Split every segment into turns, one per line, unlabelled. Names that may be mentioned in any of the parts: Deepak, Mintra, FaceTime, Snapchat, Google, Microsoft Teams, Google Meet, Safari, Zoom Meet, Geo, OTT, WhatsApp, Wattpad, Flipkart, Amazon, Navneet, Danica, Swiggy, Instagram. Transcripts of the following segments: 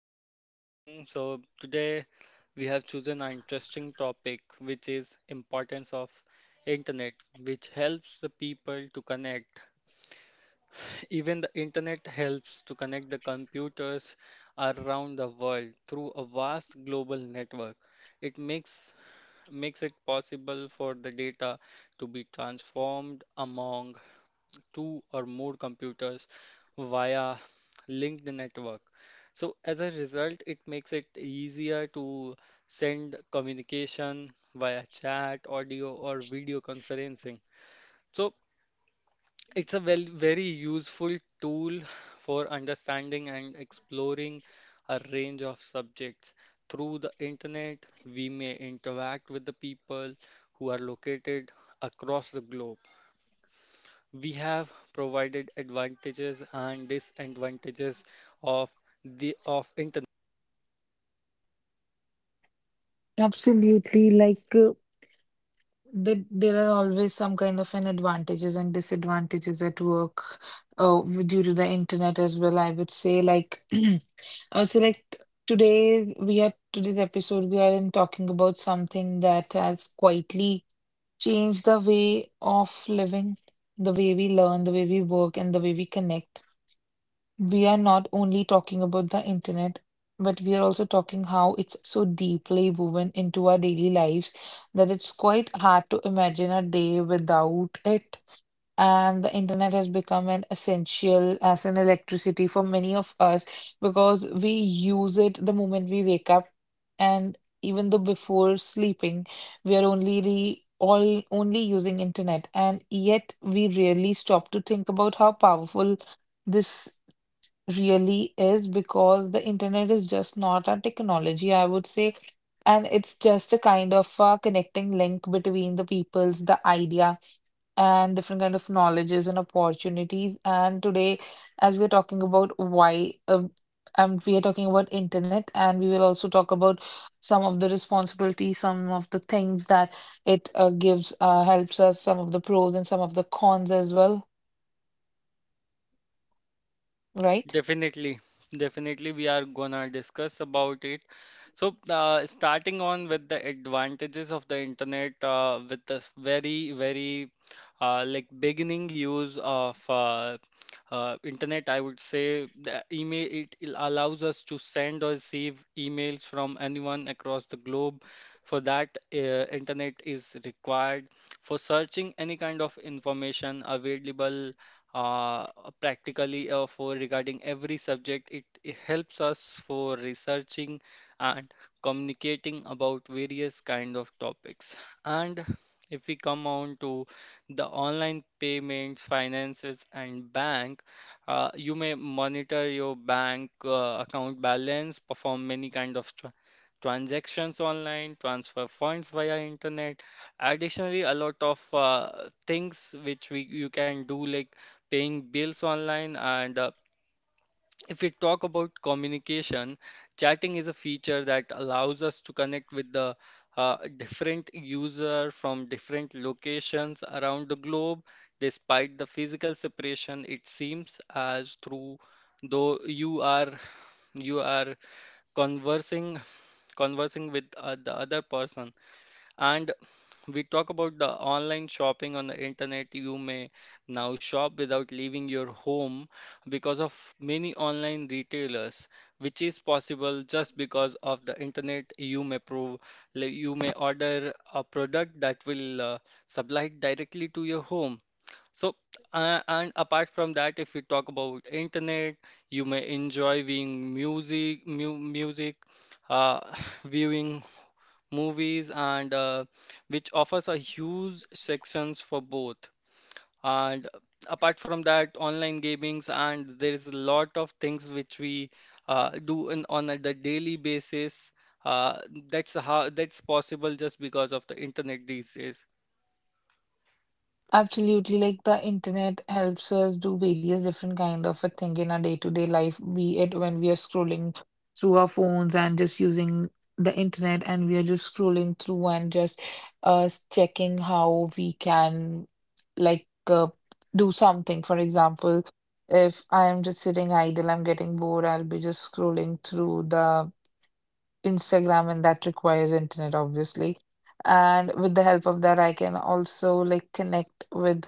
Thanks for asking. So today we have chosen an interesting topic, which is importance of internet, which helps the people to connect. Even the internet helps to connect the computers around the world through a vast global network. It makes it possible for the data to be transformed among two or more computers via linked network. So as a result, it makes it easier to send communication via chat, audio, or video conferencing. So it's a very useful tool for understanding and exploring a range of subjects. Through the internet, we may interact with the people who are located across the globe. We have provided advantages and disadvantages of the of internet.
Absolutely. Like there are always some kind of an advantages and disadvantages at work, due to the internet as well. I would say, like, I would say, like t- today we are today's episode we are in talking about something that has quietly changed the way of living, the way we learn, the way we work, and the way we connect. We are not only talking about the internet, but we are also talking how it's so deeply woven into our daily lives that it's quite hard to imagine a day without it. And the internet has become an essential as an electricity for many of us because we use it the moment we wake up and even though before sleeping, we are only re all only using internet and yet we rarely stop to think about how powerful this really is because the internet is just not a technology, I would say, and it's just a kind of a connecting link between the peoples, the idea, and different kind of knowledges and opportunities. And today, as we're talking about and we are talking about internet, and we will also talk about some of the responsibilities, some of the things that it gives, helps us, some of the pros and some of the cons as well, right?
Definitely, definitely, we are gonna discuss about it. So, starting on with the advantages of the internet, with this very, very like beginning use of internet, I would say the email it allows us to send or receive emails from anyone across the globe. For that, internet is required for searching any kind of information available uh, practically for regarding every subject. It helps us for researching and communicating about various kind of topics. And if we come on to the online payments, finances, and bank, you may monitor your bank account balance, perform many kind of transactions online, transfer funds via internet. Additionally, a lot of things which we you can do like paying bills online, and if we talk about communication, chatting is a feature that allows us to connect with the different user from different locations around the globe. Despite the physical separation, it seems as through though you are conversing conversing with the other person. And we talk about the online shopping on the internet. You may now shop without leaving your home because of many online retailers, which is possible just because of the internet. You may you may order a product that will supply directly to your home. So, and apart from that, if we talk about internet, you may enjoy viewing music, uh, viewing movies and which offers a huge sections for both. And apart from that online gamings and there is a lot of things which we do on a the daily basis uh, that's how that's possible just because of the internet these days.
Absolutely, like the internet helps us do various different kind of a thing in our day-to-day life, be it when we are scrolling through our phones and just using the internet and we are just scrolling through and just checking how we can like uh, do something. For example, if I am just sitting idle, I'm getting bored, I'll be just scrolling through the Instagram and that requires internet, obviously. And with the help of that, I can also like connect with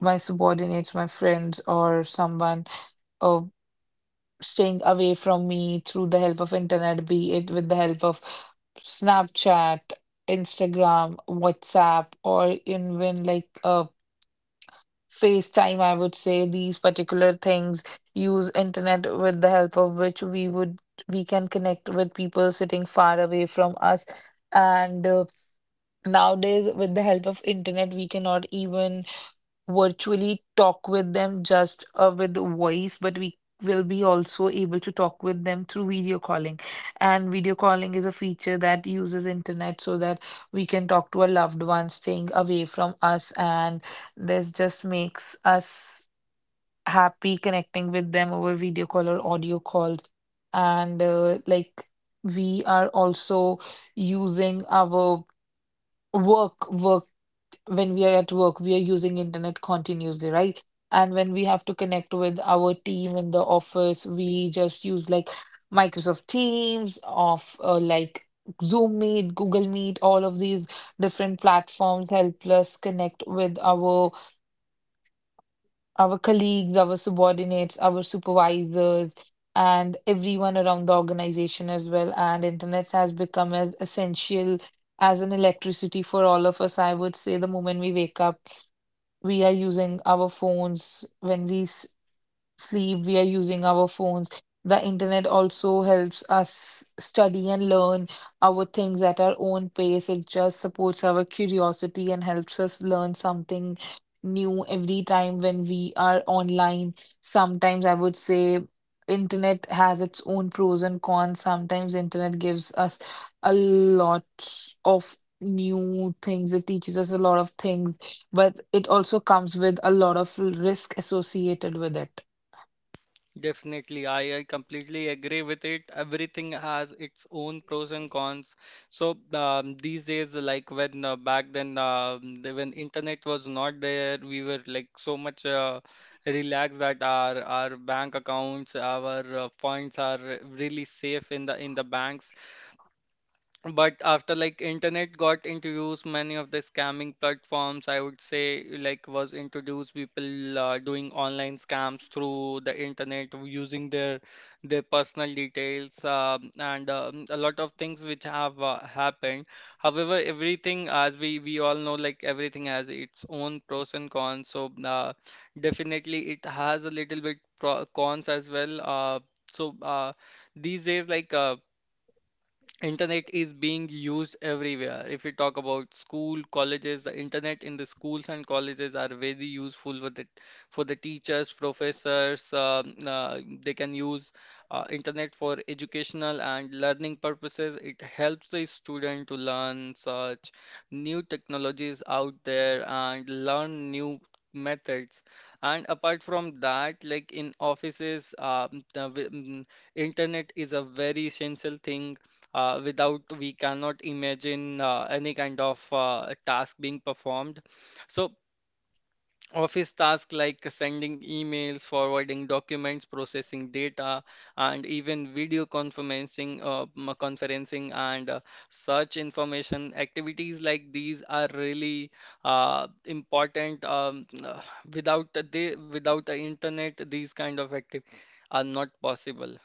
my subordinates, my friends, or someone uh, staying away from me through the help of internet, be it with the help of Snapchat, Instagram, WhatsApp, or even like FaceTime, I would say these particular things use internet with the help of which we can connect with people sitting far away from us. And nowadays, with the help of internet, we cannot even virtually talk with them just with voice, but we will be also able to talk with them through video calling. And video calling is a feature that uses internet so that we can talk to a loved one staying away from us, and this just makes us happy connecting with them over video call or audio calls. And we are also using our work work when we are at work, we are using internet continuously, right? And when we have to connect with our team in the office, we just use like Microsoft Teams, of like Zoom Meet, Google Meet, all of these different platforms help us connect with our colleagues, our subordinates, our supervisors, and everyone around the organization as well. And internet has become as essential as an electricity for all of us. I would say the moment we wake up we are using our phones when we sleep, we are using our phones. The internet also helps us study and learn our things at our own pace. It just supports our curiosity and helps us learn something new every time when we are online. Sometimes I would say internet has its own pros and cons. Sometimes internet gives us a lot of new things. It teaches us a lot of things, but it also comes with a lot of risk associated with it.
Definitely, I completely agree with it. Everything has its own pros and cons. So these days, like when back then, when internet was not there, we were like so much relaxed that our bank accounts, our funds are really safe in the banks. But after like internet got introduced, many of the scamming platforms, I would say, like was introduced. People doing online scams through the internet using their personal details and a lot of things which have happened. However, everything as we all know, like everything has its own pros and cons. So definitely it has a little bit pro cons as well. So uh, these days internet is being used everywhere. If we talk about school, colleges, the internet in the schools and colleges are very useful with it for the teachers, professors. They can use internet for educational and learning purposes. It helps the student to learn such new technologies out there and learn new methods. And apart from that, like in offices, internet is a very essential thing without we cannot imagine any kind of task being performed. So office tasks like sending emails, forwarding documents, processing data, and even video conferencing, conferencing and search information activities like these are really important. Without the internet, these kind of activities are not possible.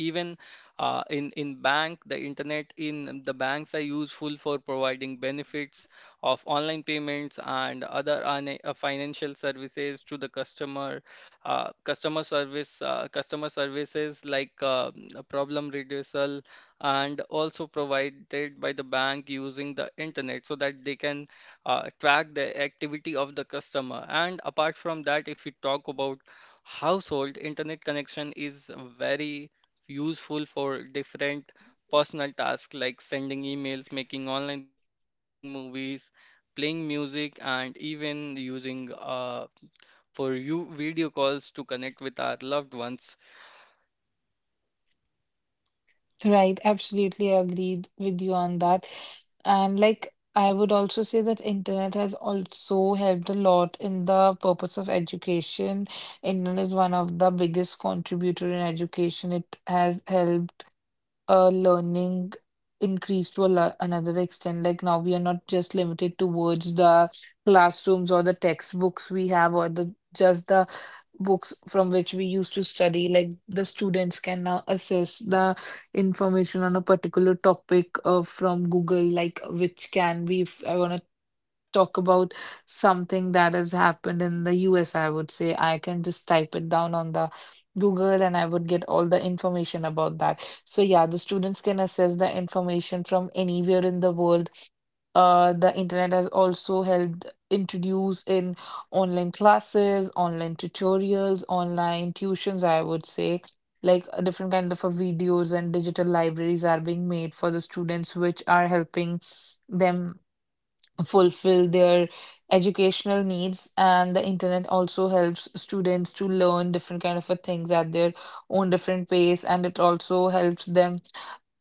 Even in bank the internet in the banks are useful for providing benefits of online payments and other financial services to the customer services like problem reducal and also provided by the bank using the internet so that they can track the activity of the customer. And apart from that if we talk about household internet connection is very useful for different personal tasks like sending emails, making online payments, watching movies, playing music, and even using for you video calls to connect with our loved ones.
Right, absolutely agreed with you on that. And like I would also say that internet has also helped a lot in the purpose of education. Internet is one of the biggest contributor in education. It has helped learning increased to a la another extent. Like now we are not just limited towards the classrooms or the textbooks we have or the just the books from which we used to study. Like the students can now assess the information on a particular topic from Google, like which can be if I want to talk about something that has happened in the US, I would say I can just type it down on the Google and I would get all the information about that. So yeah, the students can assess the information from anywhere in the world. The internet has also helped introduce in online classes, online tutorials, online tuitions, I would say. Different kind of videos and digital libraries are being made for the students, which are helping them fulfill their educational needs, and the internet also helps students to learn different kind of a things at their own different pace, and it also helps them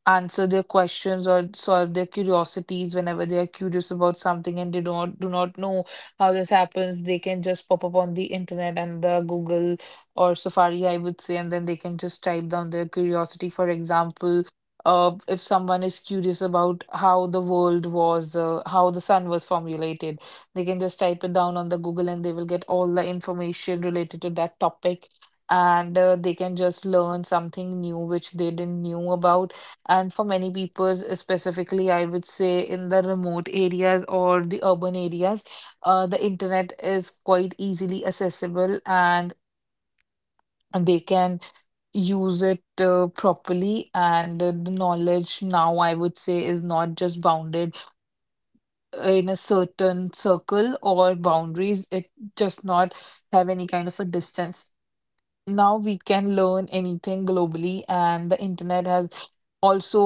answer their questions or solve their curiosities whenever they are curious about something and they don't do not know how this happens. They can just pop up on the internet and the Google or Safari, I would say, and then they can just type down their curiosity. For example, if someone is curious about how the world was how the sun was formulated, they can just type it down on the Google and they will get all the information related to that topic, and they can just learn something new which they didn't knew about. And for many people, specifically, I would say in the remote areas or the urban areas, the internet is quite easily accessible and they can use it properly. And the knowledge now, I would say, is not just bounded in a certain circle or boundaries. It just not have any kind of a distance. Now we can learn anything globally, and the internet has also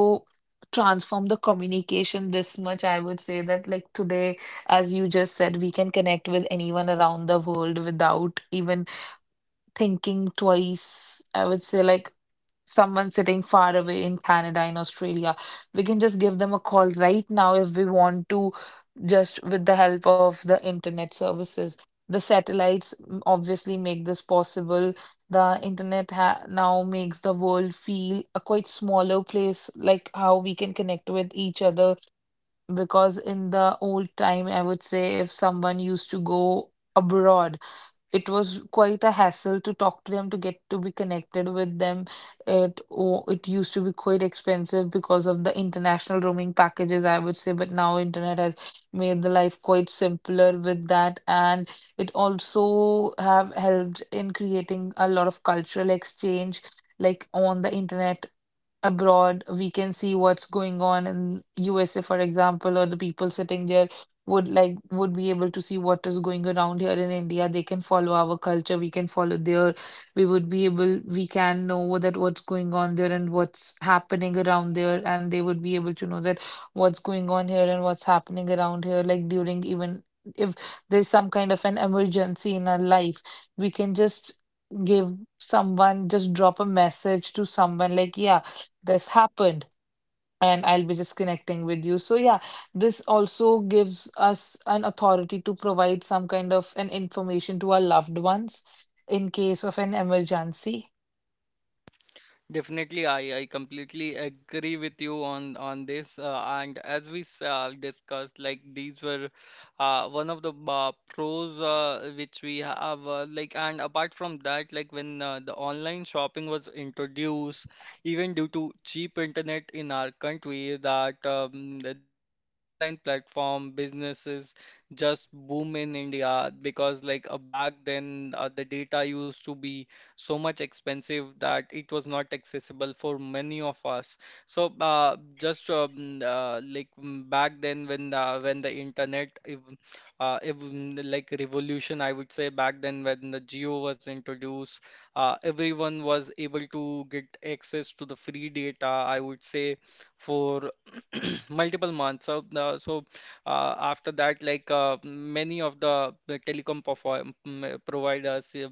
transformed the communication this much. I would say that, like today, as you just said, we can connect with anyone around the world without even thinking twice. I would say, like, someone sitting far away in Canada, in Australia. We can just give them a call right now if we want to, just with the help of the internet services. The satellites obviously make this possible. The internet ha now makes the world feel a quite smaller place, like how we can connect with each other. Because in the old time, I would say if someone used to go abroad, it was quite a hassle to talk to them, to get to be connected with them. It used to be quite expensive because of the international roaming packages, I would say, but now internet has made the life quite simpler with that, and it also have helped in creating a lot of cultural exchange like on the internet abroad. We can see what's going on in USA, for example, or the people sitting there would be able to see what is going around here in India. They can follow our culture, we can follow their, we would be able, we can know that what's going on there and what's happening around there, and they would be able to know that what's going on here and what's happening around here, like during. Even if there's some kind of an emergency in our life, we can just just drop a message to someone like, yeah, this happened and I'll be just connecting with you. So yeah, this also gives us an authority to provide some kind of an information to our loved ones in case of an emergency.
Definitely, I completely agree with you on this. And as we discussed, like these were one of the pros which we have. Like and apart from that, like when the online shopping was introduced, even due to cheap internet in our country, that this online platform businesses just boom in India, because like back then the data used to be so much expensive that it was not accessible for many of us. So back then when the internet if, mm, like revolution I would say back then when the Geo was introduced, everyone was able to get access to the free data I would say for multiple months. So after that many of the telecom providers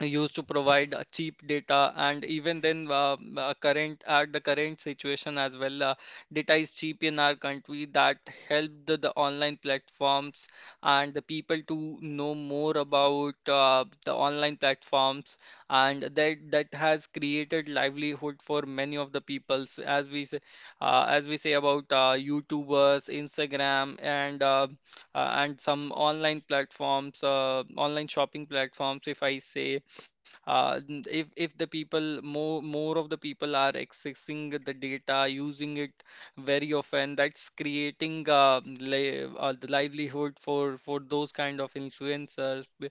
used to provide cheap data. And even then current at the current situation as well data is cheap in our country, that helped the online platforms and the people to know more about the online platforms. And that has created livelihood for many of the peoples. As we say about YouTubers, Instagram, and some online platforms, online shopping platforms, if I say if the people more of the people are accessing the data using it very often, that's creating li the livelihood for those kind of influencers,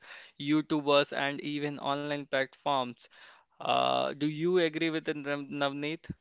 YouTubers, and even online platforms. Do you agree with it, Navneet?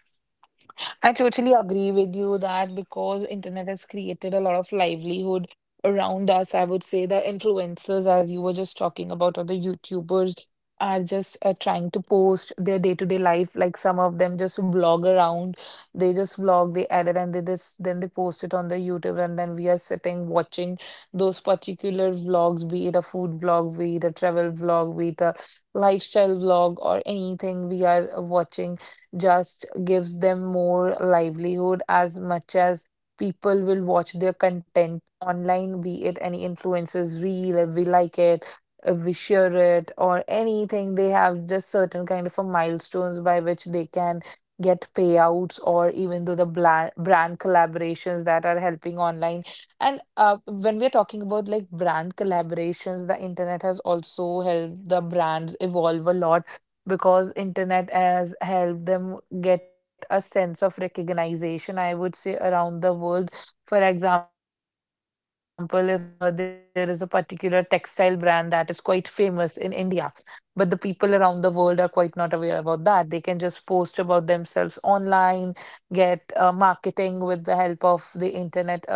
I totally agree with you that because internet has created a lot of livelihood around us, I would say the influencers, as you were just talking about, or the YouTubers are just trying to post their day-to-day life. Like some of them just vlog around. They just vlog, they edit, and they just then they post it on the YouTube, and then we are sitting watching those particular vlogs, be it a food vlog, be it a travel vlog, be it a lifestyle vlog, or anything we are watching just gives them more livelihood. As much as people will watch their content online, be it any influencers reel, if we like it, if we share it, or anything. They have just certain kind of a milestones by which they can get payouts or even though the brand collaborations that are helping online. And when we're talking about like brand collaborations, the internet has also helped the brands evolve a lot because internet has helped them get a sense of recognition, I would say, around the world. For example, if there is a particular textile brand that is quite famous in India, but the people around the world are quite not aware about that. They can just post about themselves online, get marketing with the help of the internet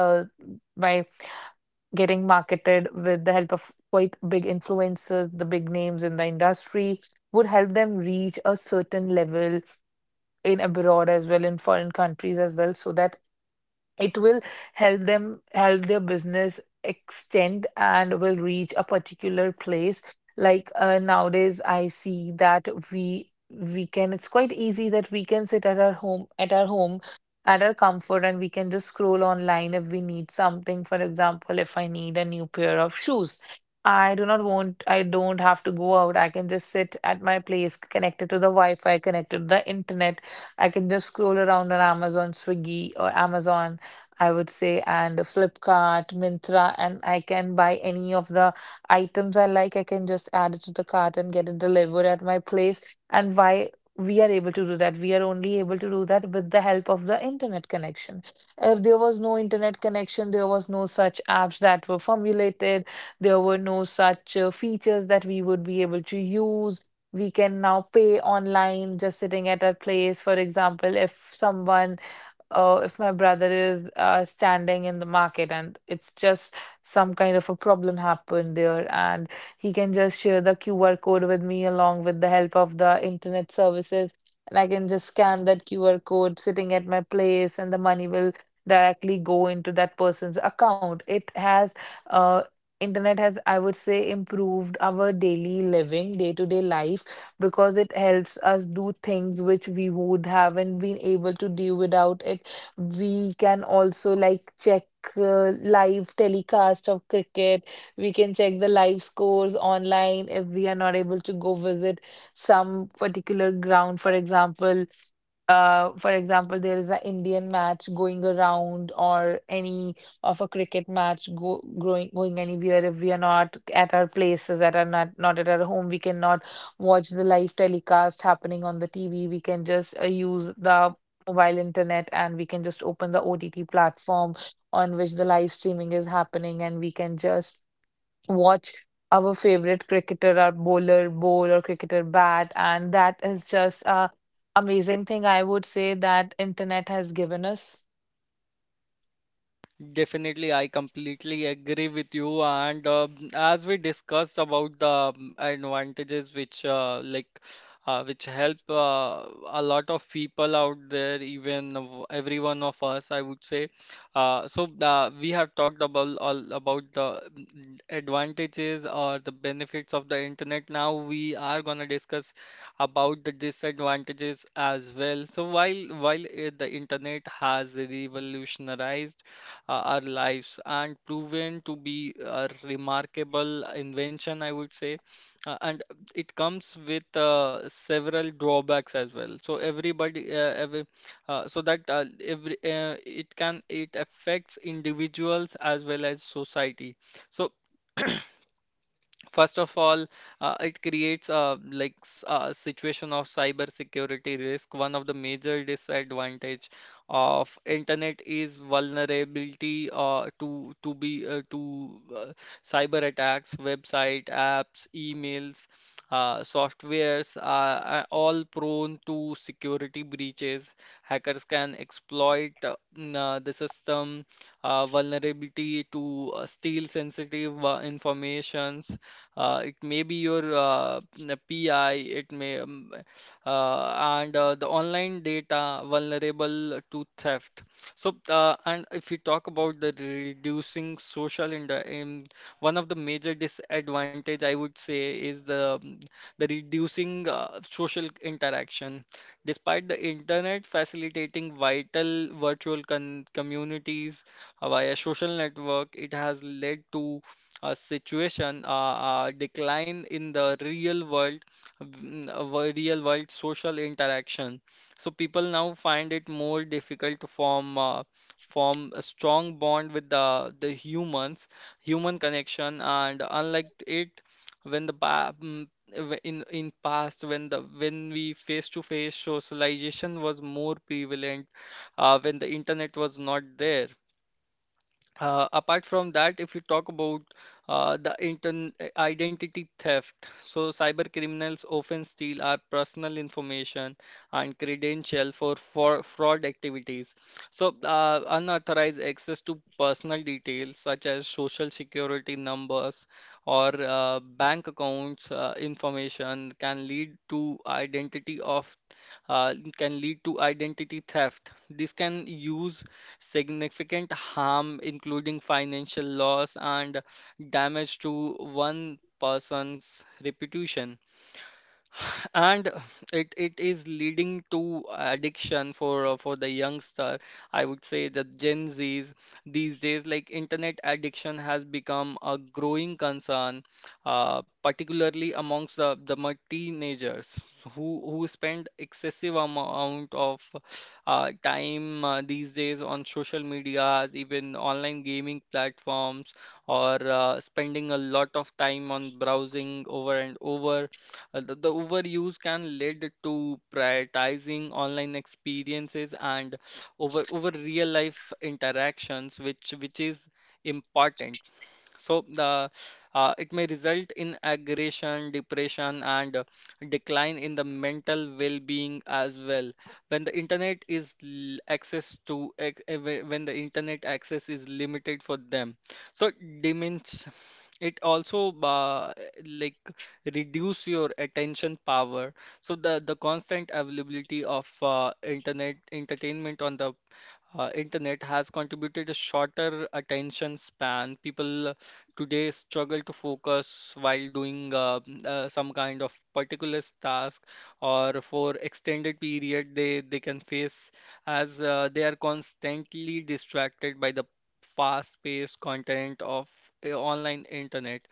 by getting marketed with the help of quite big influencers, the big names in the industry, would help them reach a certain level in abroad as well, in foreign countries as well, so that it will help them help their business extend and will reach a particular place. Nowadays I see that we can it's quite easy that we can sit at our home at our comfort, and we can just scroll online if we need something. For example, if I need a new pair of shoes, I do not want I don't have to go out. I can just sit at my place connected to the wi-fi, connected to the internet. I can just scroll around on Amazon, Swiggy, or Amazon, I would say, and Flipkart, Mintra, and I can buy any of the items I like. I can just add it to the cart and get it delivered at my place. And why we are able to do that? We are only able to do that with the help of the internet connection. If there was no internet connection, there was no such apps that were formulated, there were no such features that we would be able to use. We can now pay online just sitting at our place. For example, if if my brother is standing in the market, and it's just some kind of a problem happened there, and he can just share the QR code with me along with the help of the internet services, and I can just scan that QR code sitting at my place, and the money will directly go into that person's account. Uh, Internet has, I would say, improved our daily living, day-to-day life, because it helps us do things which we would haven't been able to do without it. We can also like check live telecast of cricket. We can check the live scores online if we are not able to go visit some particular ground. For example, there is an Indian match going around, or any of a cricket match go growing going anywhere. If we are not at our places, at our not not at our home, we cannot watch the live telecast happening on the TV. We can just use the mobile internet, and we can just open the OTT platform on which the live streaming is happening, and we can just watch our favorite cricketer or bowler bowl or cricketer bat, and that is just a amazing thing, I would say, that internet has given us.
Definitely, I completely agree with you. And as we discussed about the advantages which which help a lot of people out there, even every one of us, I would say. We have talked about all about the advantages or the benefits of the internet. Now we are gonna discuss about the disadvantages as well. So while the internet has revolutionized our lives and proven to be a remarkable invention, I would say. And it comes with several drawbacks as well. So everybody, every, so that every it can it affects individuals as well as society. So First of all, it creates a situation of cyber security risk. One of the major disadvantage of internet is vulnerability to be to cyber attacks. Website, apps, emails, softwares are all prone to security breaches. Hackers can exploit the system vulnerability to steal sensitive informations. It may be your PI, it may, uh, and the online data vulnerable to theft. So, and if we talk about the reducing social in the, in one of the major disadvantage I would say is the reducing social interaction. Despite the internet facilitating vital virtual con communities via social network, it has led to a situation, uh, a decline in the real real world social interaction. So people now find it more difficult to form a strong bond with the humans, human connection, and unlike it, when the pa- mm, w- in past when the when we face to face socialization was more prevalent, when the internet was not there. Apart from that, if you talk about the intern identity theft, so cyber criminals often steal our personal information and credential for fraud activities. So unauthorized access to personal details such as social security numbers or bank accounts information can lead to identity of can lead to identity theft. This can use significant harm, including financial loss and damage to one person's reputation, and it is leading to addiction for the youngster. I would say the gen z's these days, like, internet addiction has become a growing concern, particularly amongst the teenagers who spend excessive amount of time these days on social medias, even online gaming platforms, or spending a lot of time on browsing over and over. The overuse can lead to prioritizing online experiences and over real life interactions, which is important. So the it may result in aggression, depression, and decline in the mental well-being as well. When the internet is l- access to ex- eh, whe- When the internet access is limited for them, so it also like reduce your attention power. So the constant availability of internet entertainment on the internet has contributed a shorter attention span. People today struggle to focus while doing some kind of particular task, or for extended period they can face as they are constantly distracted by the fast-paced content of online internet.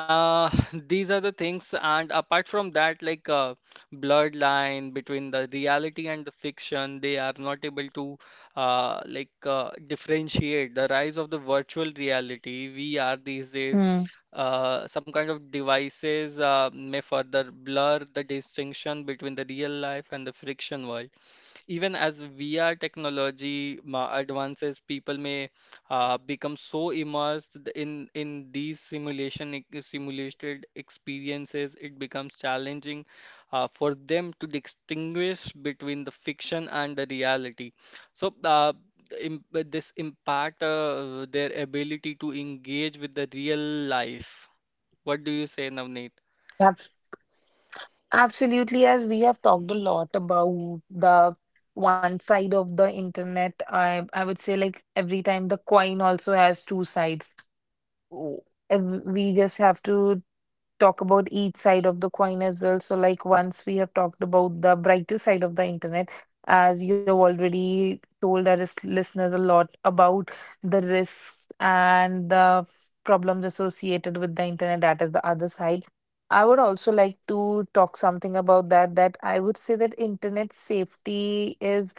Uh, these are the things, and apart from that, like, blurred line between the reality and the fiction. They are not able to differentiate the rise of the virtual reality. VR these days,
Hmm.
some kind of devices may further blur the distinction between the real life and the friction world. Even as VR technology advances, people may become so immersed in these simulated experiences, it becomes challenging for them to distinguish between the fiction and the reality. So uh, this impact their ability to engage with the real life. What do you say, Navneet?
Abs- Absolutely. As we have talked a lot about the one side of the internet, I would say, like, every time the coin also has two sides. w- we just have to talk about each side of the coin as well. So, like, once we have talked about the brighter side of the internet, as you have already told our listeners a lot about the risks and the problems associated with the internet, that is the other side. I would also like to talk something about that, that I would say that internet safety is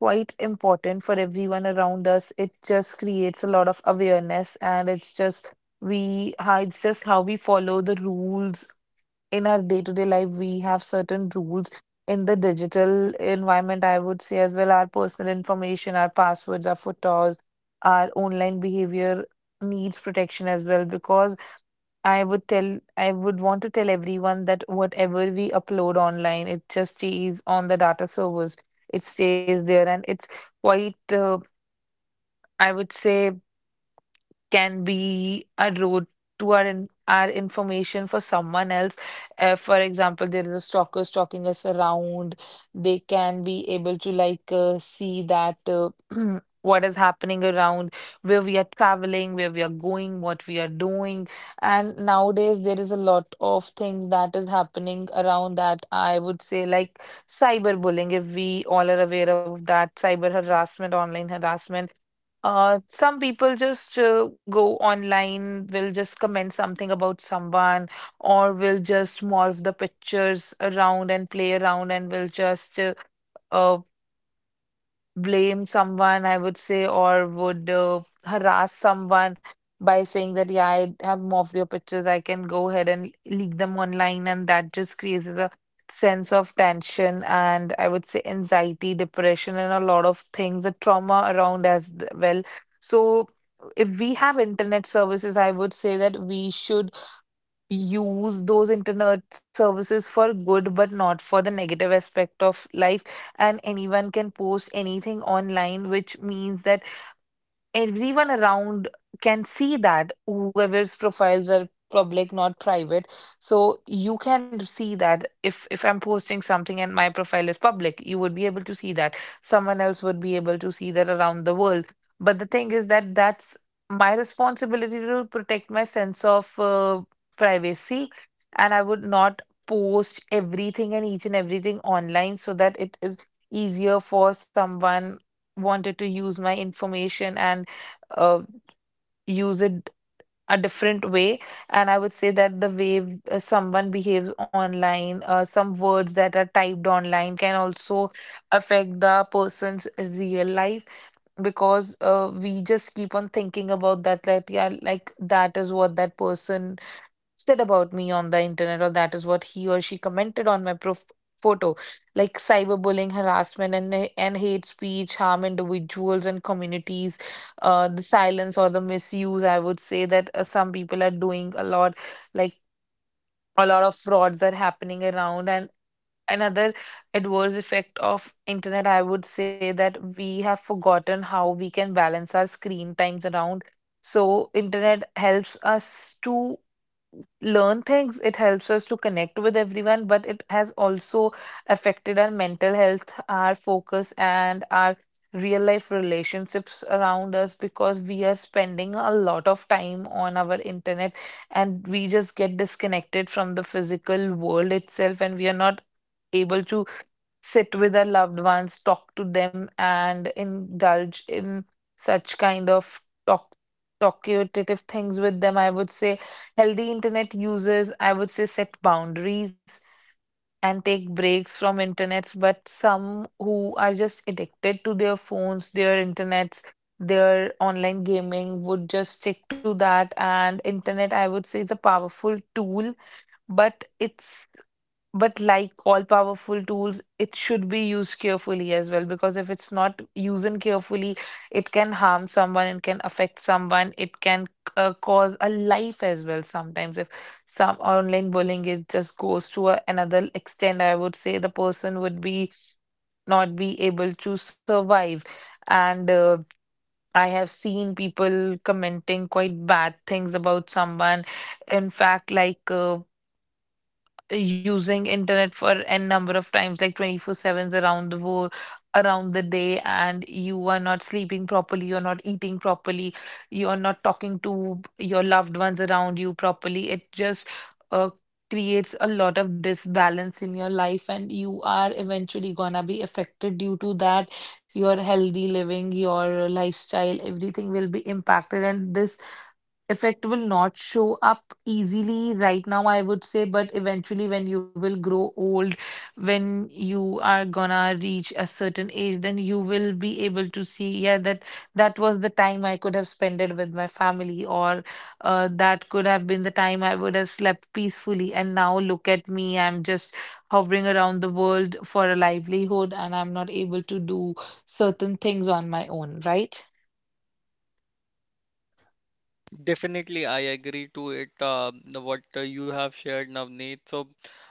quite important for everyone around us. It just creates a lot of awareness, and it's just we how it's just how we follow the rules in our day-to-day life. We have certain rules in the digital environment, I would say as well. Our personal information, our passwords, our photos, our online behavior needs protection as well, because I would want to tell everyone that whatever we upload online, it just stays on the data servers. It stays there, and it's quite I would say, can be a road to our information for someone else. For example, there is a stalker stalking us around. They can be able to like see that what is happening around, where we are traveling, where we are going, what we are doing. And nowadays, there is a lot of things that is happening around that. I would say, like, cyberbullying, if we all are aware of that, cyber harassment, online harassment, some people just go online, will just comment something about someone, or will just morph the pictures around and play around, and will just uh, blame someone, I would say, or would harass someone by saying that, yeah, I have more of your pictures, I can go ahead and leak them online. And that just creates a sense of tension, and I would say anxiety, depression, and a lot of things, the trauma around as well. So if we have internet services, I would say that we should use those internet services for good, but not for the negative aspect of life. And anyone can post anything online, which means that everyone around can see that whoever's profiles are public, not private. So you can see that, if I'm posting something and my profile is public, you would be able to see that, someone else would be able to see that around the world. But the thing is that, that's my responsibility to protect my sense of privacy, and I would not post everything and each and everything online, so that it is easier for someone wanted to use my information and uh, use it a different way. And I would say that the way someone behaves online, some words that are typed online can also affect the person's real life, because we just keep on thinking about that, that, yeah, like, that is what that person said about me on the internet, or that is what he or she commented on my photo. Like, cyberbullying, harassment, and and hate speech harm individuals and communities. The silence or the misuse, I would say that some people are doing a lot, like, a lot of frauds are happening around and. Another adverse effect of internet, I would say, that we have forgotten how we can balance our screen times around. So internet helps us to learn things, it helps us to connect with everyone, but it has also affected our mental health, our focus, and our real life relationships around us, because we are spending a lot of time on our internet, and we just get disconnected from the physical world itself, and we are not able to sit with our loved ones, talk to them, and indulge in such kind of talk talkative things with them. I would say healthy internet users, I would say, set boundaries and take breaks from internets, but some who are just addicted to their phones, their internets, their online gaming would just stick to that. And internet, I would say, is a powerful tool, but it's but like all powerful tools, it should be used carefully as well, because if it's not used carefully, it can harm someone, it can affect someone, it can cause a life as well. Sometimes, if some online bullying, it just goes to a, another extent, I would say, the person would be not be able to survive. And I have seen people commenting quite bad things about someone. In fact, like, using internet for n number of times, like 24/7s around the world, around the day, and you are not sleeping properly, you're not eating properly, you're not talking to your loved ones around you properly. It just uh, creates a lot of disbalance in your life, and you are eventually gonna be affected due to that. Your healthy living, your lifestyle, everything will be impacted, and this effect will not show up easily right now, I would say, but eventually, when you will grow old, when you are gonna reach a certain age, then you will be able to see, yeah, that was the time I could have spent it with my family, or that could have been the time I would have slept peacefully. And now look at me, I'm just hovering around the world for a livelihood, and I'm not able to do certain things on my own, right?
Definitely, I agree to it. What you have shared, Navneet. So,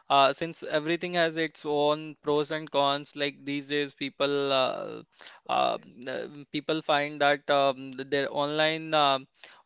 since everything has its own pros and cons, like these days, um, people find that their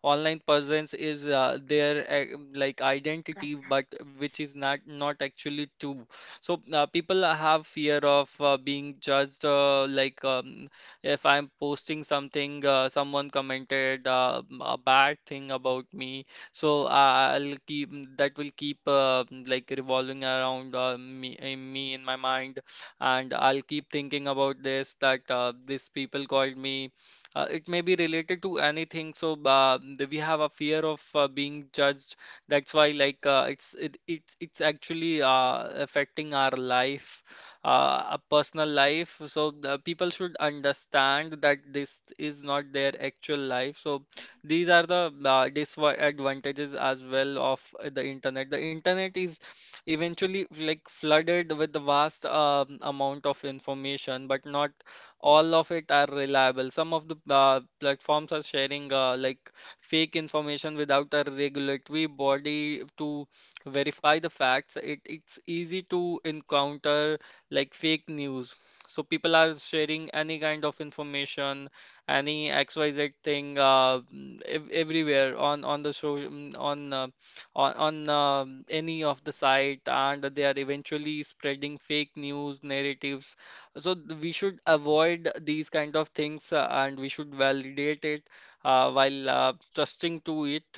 online presence is their like identity, but which is not actually true. So, people have fear of being judged. If I'm posting something, someone commented a bad thing about me, so I- I'll keep that will keep revolving around me in my mind, and I'll keep thinking about this, that these people called me. It may be related to anything, so we have a fear of being judged. That's why, like, it's it, it's actually affecting our life, a personal life. So the people should understand that this is not their actual life. So these are the disadvantages as well of the internet. The internet is eventually like flooded with the vast amount of information, but not all of it are reliable. Some of the platforms are sharing fake information. Without a regulatory body to verify the facts, it's easy to encounter like fake news. So people are sharing any kind of information, any XYZ thing, everywhere on the show, on any of the site, and they are eventually spreading fake news narratives. We should avoid these kind of things, and we should validate it while trusting to it.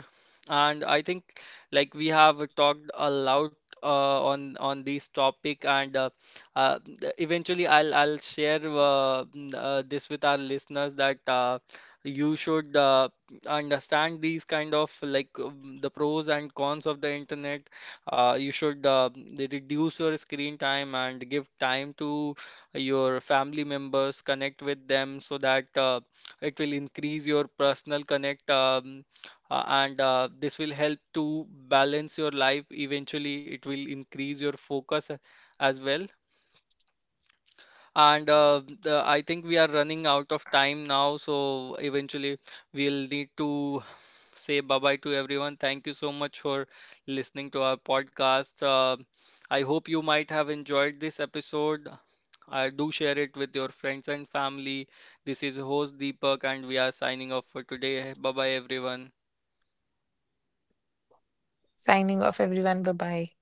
And I think like we have talked a lot on this topic, and eventually I'll share this with our listeners, that you should understand these kind of like the pros and cons of the internet. You should reduce your screen time and give time to your family members, connect with them, so that it will increase your personal connect, and this will help to balance your life. Eventually, it will increase your focus as well. And I think we are running out of time now, so eventually we'll need to say bye bye to everyone. Thank you so much for listening to our podcast. I hope you might have enjoyed this episode. Do share it with your friends and family. This is host Deepak, and we are signing off for today. Bye bye, everyone.
Signing off, everyone. Bye bye.